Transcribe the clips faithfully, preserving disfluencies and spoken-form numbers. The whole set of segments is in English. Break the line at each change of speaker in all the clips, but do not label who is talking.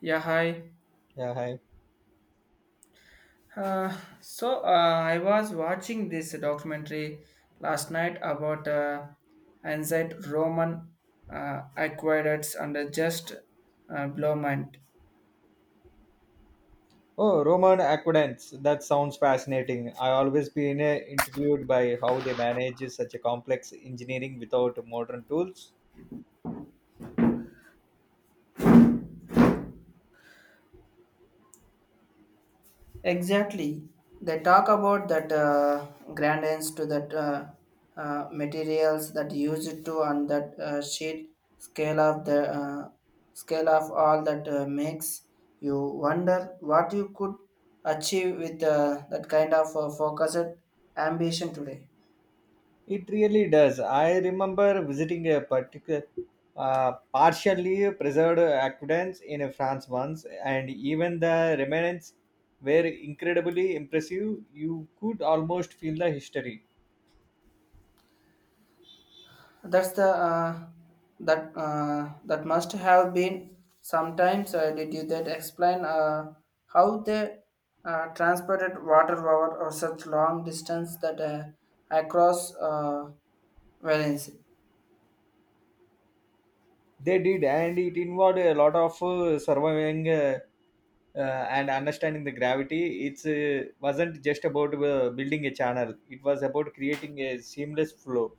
Yeah, hi.
Yeah, hi.
Uh, so uh, I was watching this documentary last night about uh, ancient Roman uh, aqueducts and uh, just uh, blow mind.
Oh, Roman aqueducts. That sounds fascinating. I always been uh, intrigued by how they manage such a complex engineering without modern tools.
Exactly. They talk about that uh, gradients to that uh, uh, materials that used to and that uh, sheet scale of the uh, scale of all that uh, makes you wonder what you could achieve with uh, that kind of uh, focused ambition today.
It really does. I remember visiting a particular, uh, partially preserved aqueduct in France once, and even the remnants were incredibly impressive. You could almost feel the history
That's the uh, that uh, that must have been sometimes. Uh, did you that explain uh, how they uh, transported water over or such long distance that uh, across uh, Valence?
they did, and it involved a lot of uh, surviving. Uh, uh, and understanding the gravity, it's uh, wasn't just about uh, building a channel, it was about creating a seamless flow.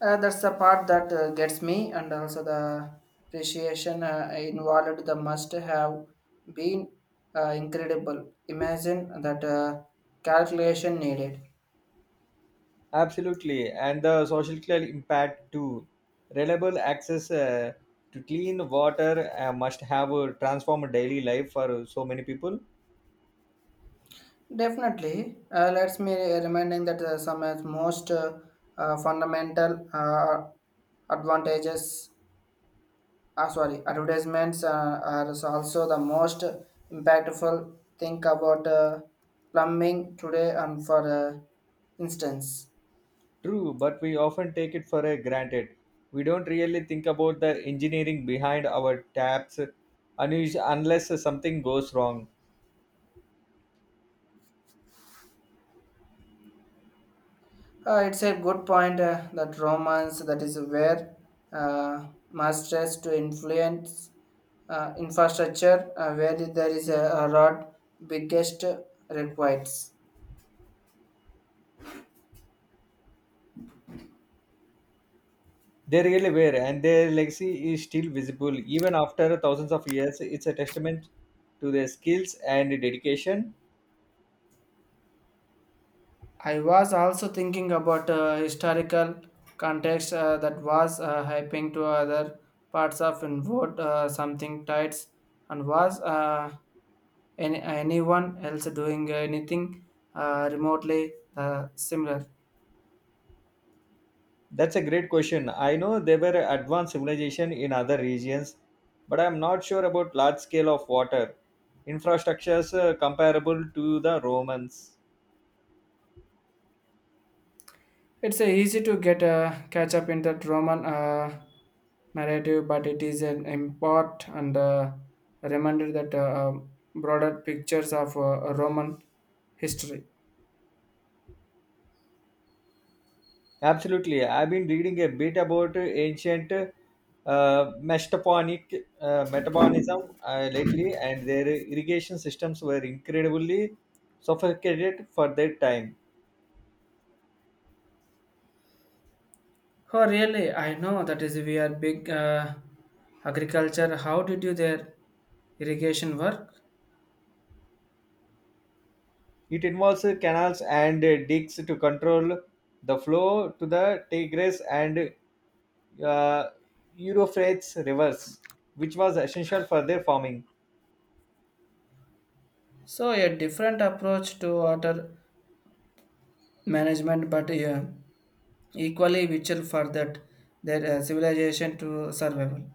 Uh, that's the part that uh, gets me, and also the appreciation uh, involved. The must have been uh, incredible. Imagine that uh, calculation needed.
Absolutely, and the social impact too. Reliable access uh, to clean water uh, must have uh, transformed daily life for so many people.
Definitely. Uh, let's me reminding that uh, some of most uh, uh, fundamental uh, advantages, uh, sorry, advertisements uh, are also the most impactful. Think about uh, plumbing today and for uh, instance.
True, but we often take it for uh, granted. We don't really think about the engineering behind our taps unus- unless something goes wrong.
Uh, it's a good point uh, that romance that is where uh, masters to influence uh, infrastructure uh, where there is a, a lot biggest requires.
They really were, and their legacy is still visible even after thousands of years. It's a testament to their skills and dedication.
I was also thinking about uh, historical context uh, that was uh, hyping to other parts of involved uh, something tights and was uh, any, anyone else doing anything uh, remotely uh, similar.
That's a great question. I know they were advanced civilization in other regions, but I'm not sure about large scale of water infrastructures uh, comparable to the Romans.
It's uh, easy to get uh, catch up in that Roman uh, narrative, but it is an import and uh, reminder that uh, broader pictures of uh, Roman history.
Absolutely. I've been reading a bit about ancient uh, mastoponic uh, metabolism uh, lately, and their irrigation systems were incredibly sophisticated for their time.
Oh, really? I know that is we are big uh, agriculture. How did you their irrigation work?
It involves canals and digs to control the flow to the Tigris and uh, Euphrates rivers, which was essential for their farming.
So a different approach to water management, but uh, equally vital for that their uh, civilization to survival.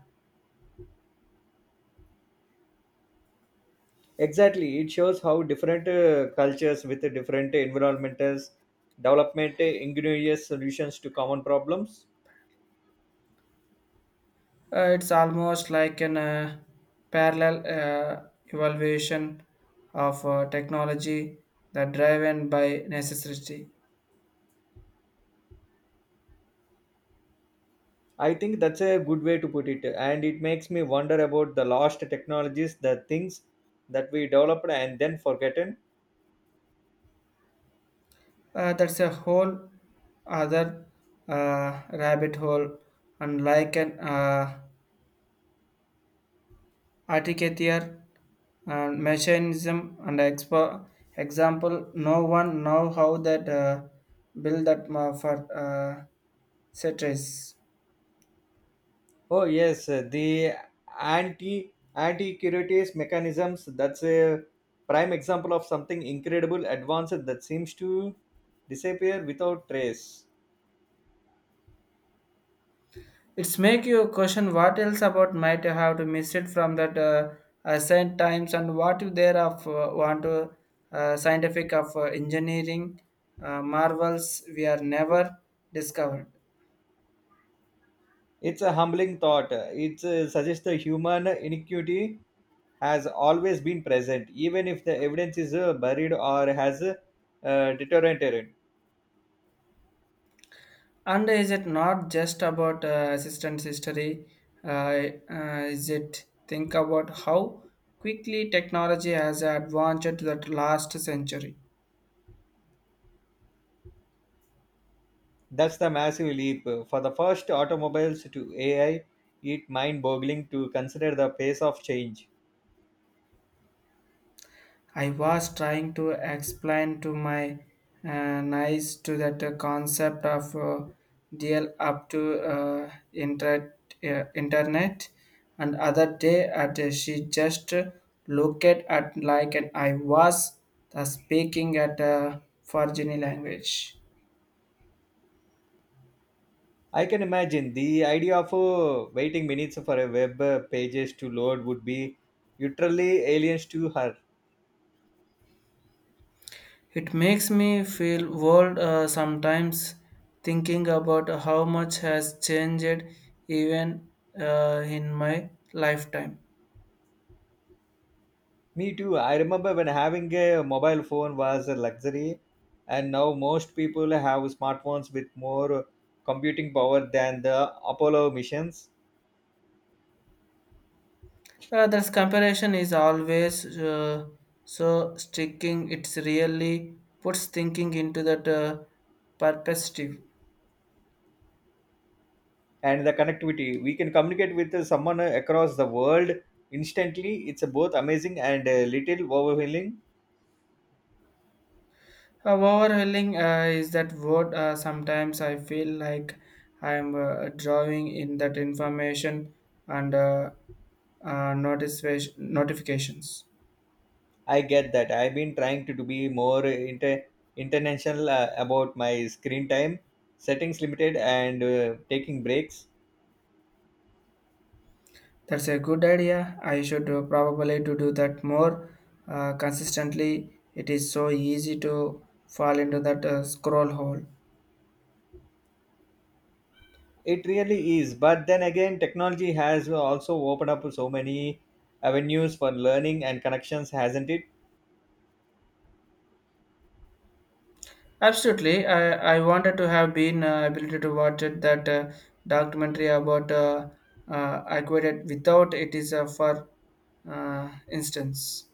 Exactly, it shows how different uh, cultures with different environmentals development uh, ingenious solutions to common problems.
Uh, it's almost like an uh, parallel uh, evaluation of uh, technology that driven by necessity.
I think that's a good way to put it, and it makes me wonder about the lost technologies, the things that we developed and then forgotten.
Uh, that's a whole other uh, rabbit hole, and like an uh, articulate uh, mechanism and expo- example, no one know how that uh, build that ma- for uh, citrus.
Oh yes, uh, the anti anti curities mechanisms. That's a prime example of something incredible advanced that seems to disappear without trace.
It's make you question what else about might have to miss it from that uh, uh, same times and what you there of uh, want to uh, scientific of uh, engineering uh, marvels we are never discovered.
It's a humbling thought. It uh, suggests the human inequity has always been present, even if the evidence is uh, buried or has uh, deteriorated.
And is it not just about uh, assistant history? Uh, uh, is it think about how quickly technology has advanced that last century?
That's the massive leap. For the first automobiles to A I, it mind boggling to consider the pace of change.
I was trying to explain to my uh, niece to that uh, concept of uh, deal up to uh, inter- uh, internet and other day at uh, she just uh, looked at like and I was the speaking at a Virginia language.
I can imagine the idea of uh, waiting minutes for a web uh, pages to load would be literally aliens to her.
It makes me feel old uh, sometimes thinking about how much has changed even uh, in my lifetime.
Me too. I remember when having a mobile phone was a luxury, and now most people have smartphones with more computing power than the Apollo missions.
Uh, this comparison is always uh, so sticking. It's really puts thinking into that uh, perspective.
And the connectivity, we can communicate with someone across the world instantly. It's both amazing and a little overwhelming.
Uh, overhauling uh, is that word. Uh, sometimes I feel like I'm uh, drawing in that information and uh, uh, notice- notifications.
I get that. I've been trying to do be more inter- international uh, about my screen time, settings limited, and uh, taking breaks.
That's a good idea. I should uh, probably to do that more uh, consistently. It is so easy to fall into that uh, scroll hole.
It really is. But then again, technology has also opened up so many avenues for learning and connections, hasn't it?
Absolutely, I, I wanted to have been uh, ability to watch it, that uh, documentary about uh, uh, acquired without it is uh, for uh, instance.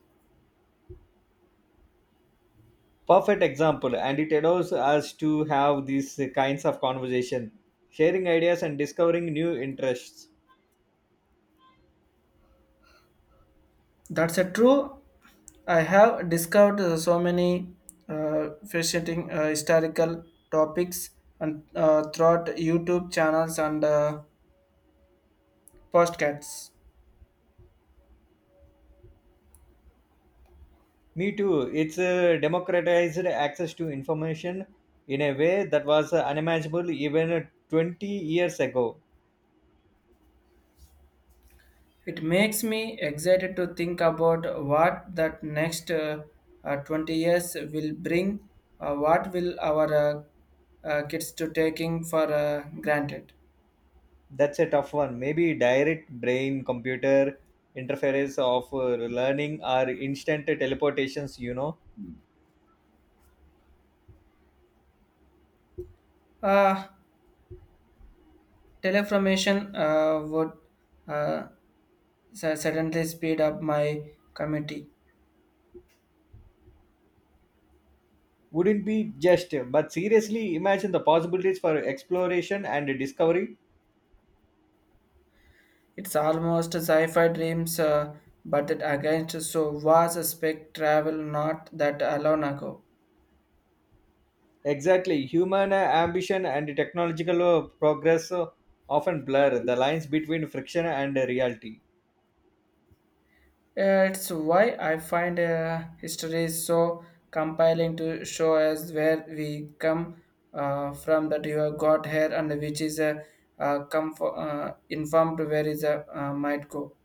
Perfect example. And it allows us to have these kinds of conversation, sharing ideas and discovering new interests.
That's a true. I have discovered uh, so many uh, fascinating uh, historical topics and uh, throughout YouTube channels and uh, podcasts.
Me too. It's uh, democratized access to information in a way that was unimaginable even twenty years ago.
It makes me excited to think about what that next uh, uh, twenty years will bring. Uh, what will our uh, uh, kids to taking for uh, granted?
That's a tough one. Maybe direct brain computer interference of uh, learning or instant teleportations, you know,
Uh, Teleformation uh, would uh, su- suddenly speed up my committee.
wouldn't be just. But seriously, imagine the possibilities for exploration and discovery.
It's almost sci-fi dreams, uh, but it against so was a spec travel not that alone ago.
Exactly. Human uh, ambition and technological uh, progress uh, often blur the lines between friction and uh, reality.
Uh, It's why I find uh, history is so compelling to show us where we come uh, from, that you have got here, and which is uh, uh, come uh, informed where is uh, uh, might go.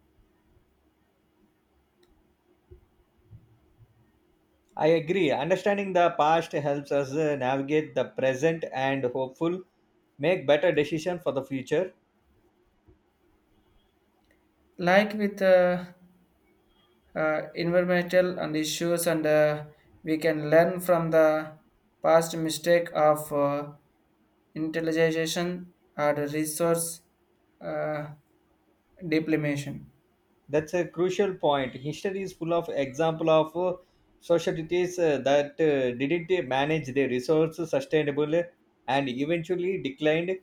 I agree. Understanding the past helps us uh, navigate the present and hopeful make better decision for the future.
Like with uh, uh, environmental and issues, and uh, we can learn from the past mistake of uh, intelligization or resource uh, depletion.
That's a crucial point. History is full of example of uh, societies uh, that uh, didn't manage their resources sustainably and eventually declined.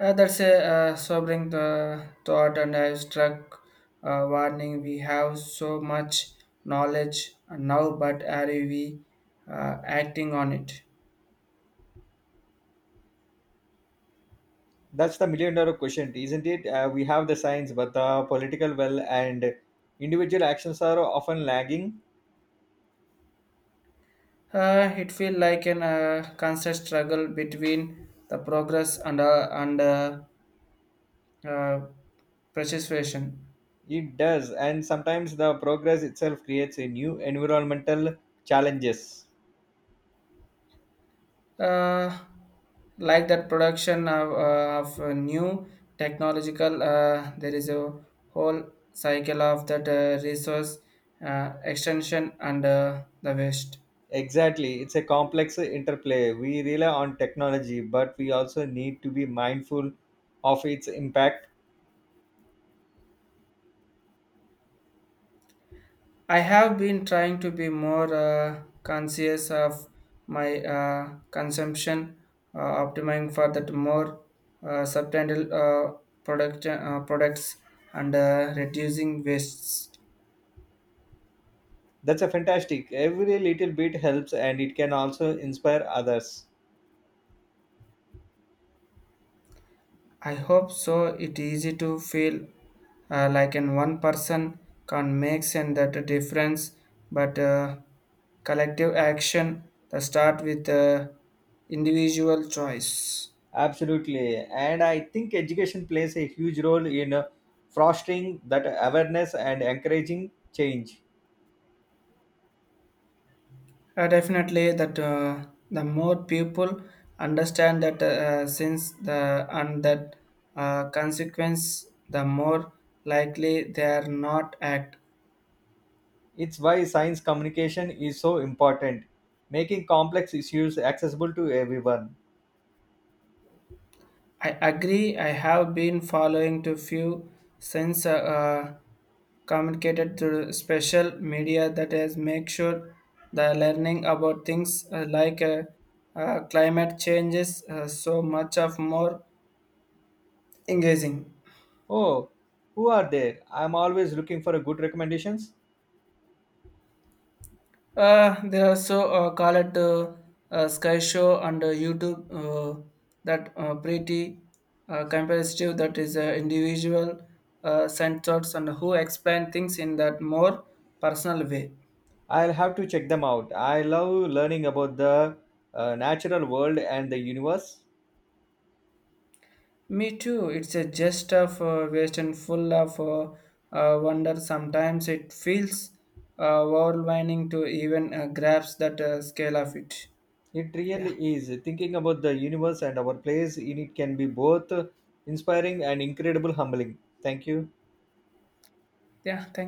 Uh, that's a uh, sobering uh, thought, and I struck uh, warning. We have so much knowledge now, but are we uh, acting on it?
That's the million dollar question, isn't it? Uh, we have the science, but the political will and individual actions are often lagging.
Uh, it feels like an uh, constant struggle between the progress and uh, and uh, uh, preservation.
It does, and sometimes the progress itself creates a new environmental challenges.
uh, like that production of, uh, of a new technological uh, there is a whole cycle of that uh, resource uh, extension and uh, the waste.
Exactly. It's a complex interplay. We rely on technology, but we also need to be mindful of its impact.
I have been trying to be more uh, conscious of my uh, consumption uh, optimizing for that more uh, substantial uh, product, uh, products and uh, reducing wastes.
That's a fantastic. Every little bit helps and it can also inspire others.
I hope so. It easy to feel uh, like an one person can make and that a difference, but uh, collective action that start with uh, individual choice.
Absolutely. And I think education plays a huge role in uh, fostering that awareness and encouraging change.
Uh, definitely, that uh, the more people understand that uh, since the and that uh, consequence, the more likely they are not act.
It's why science communication is so important, making complex issues accessible to everyone.
I agree. I have been following to few since uh, uh, communicated through special media that has make sure the learning about things uh, like uh, uh, climate changes uh, so much of more engaging.
Oh, who are there? I'm always looking for a good recommendations.
Uh, they also uh, call it uh, uh, Sky Show and uh, YouTube uh, that uh, pretty uh, comparative that is uh, individual uh, sensors and who explain things in that more personal way.
I'll have to check them out. I love learning about the uh, natural world and the universe.
Me too. It's a just of uh, waste and full of uh, uh, wonder. Sometimes it feels uh, overwhelming to even uh, grasp that uh, scale of it.
It
Yeah.
really is. Thinking about the universe and our place in it can be both inspiring and incredible humbling. Thank you.
Yeah. Thank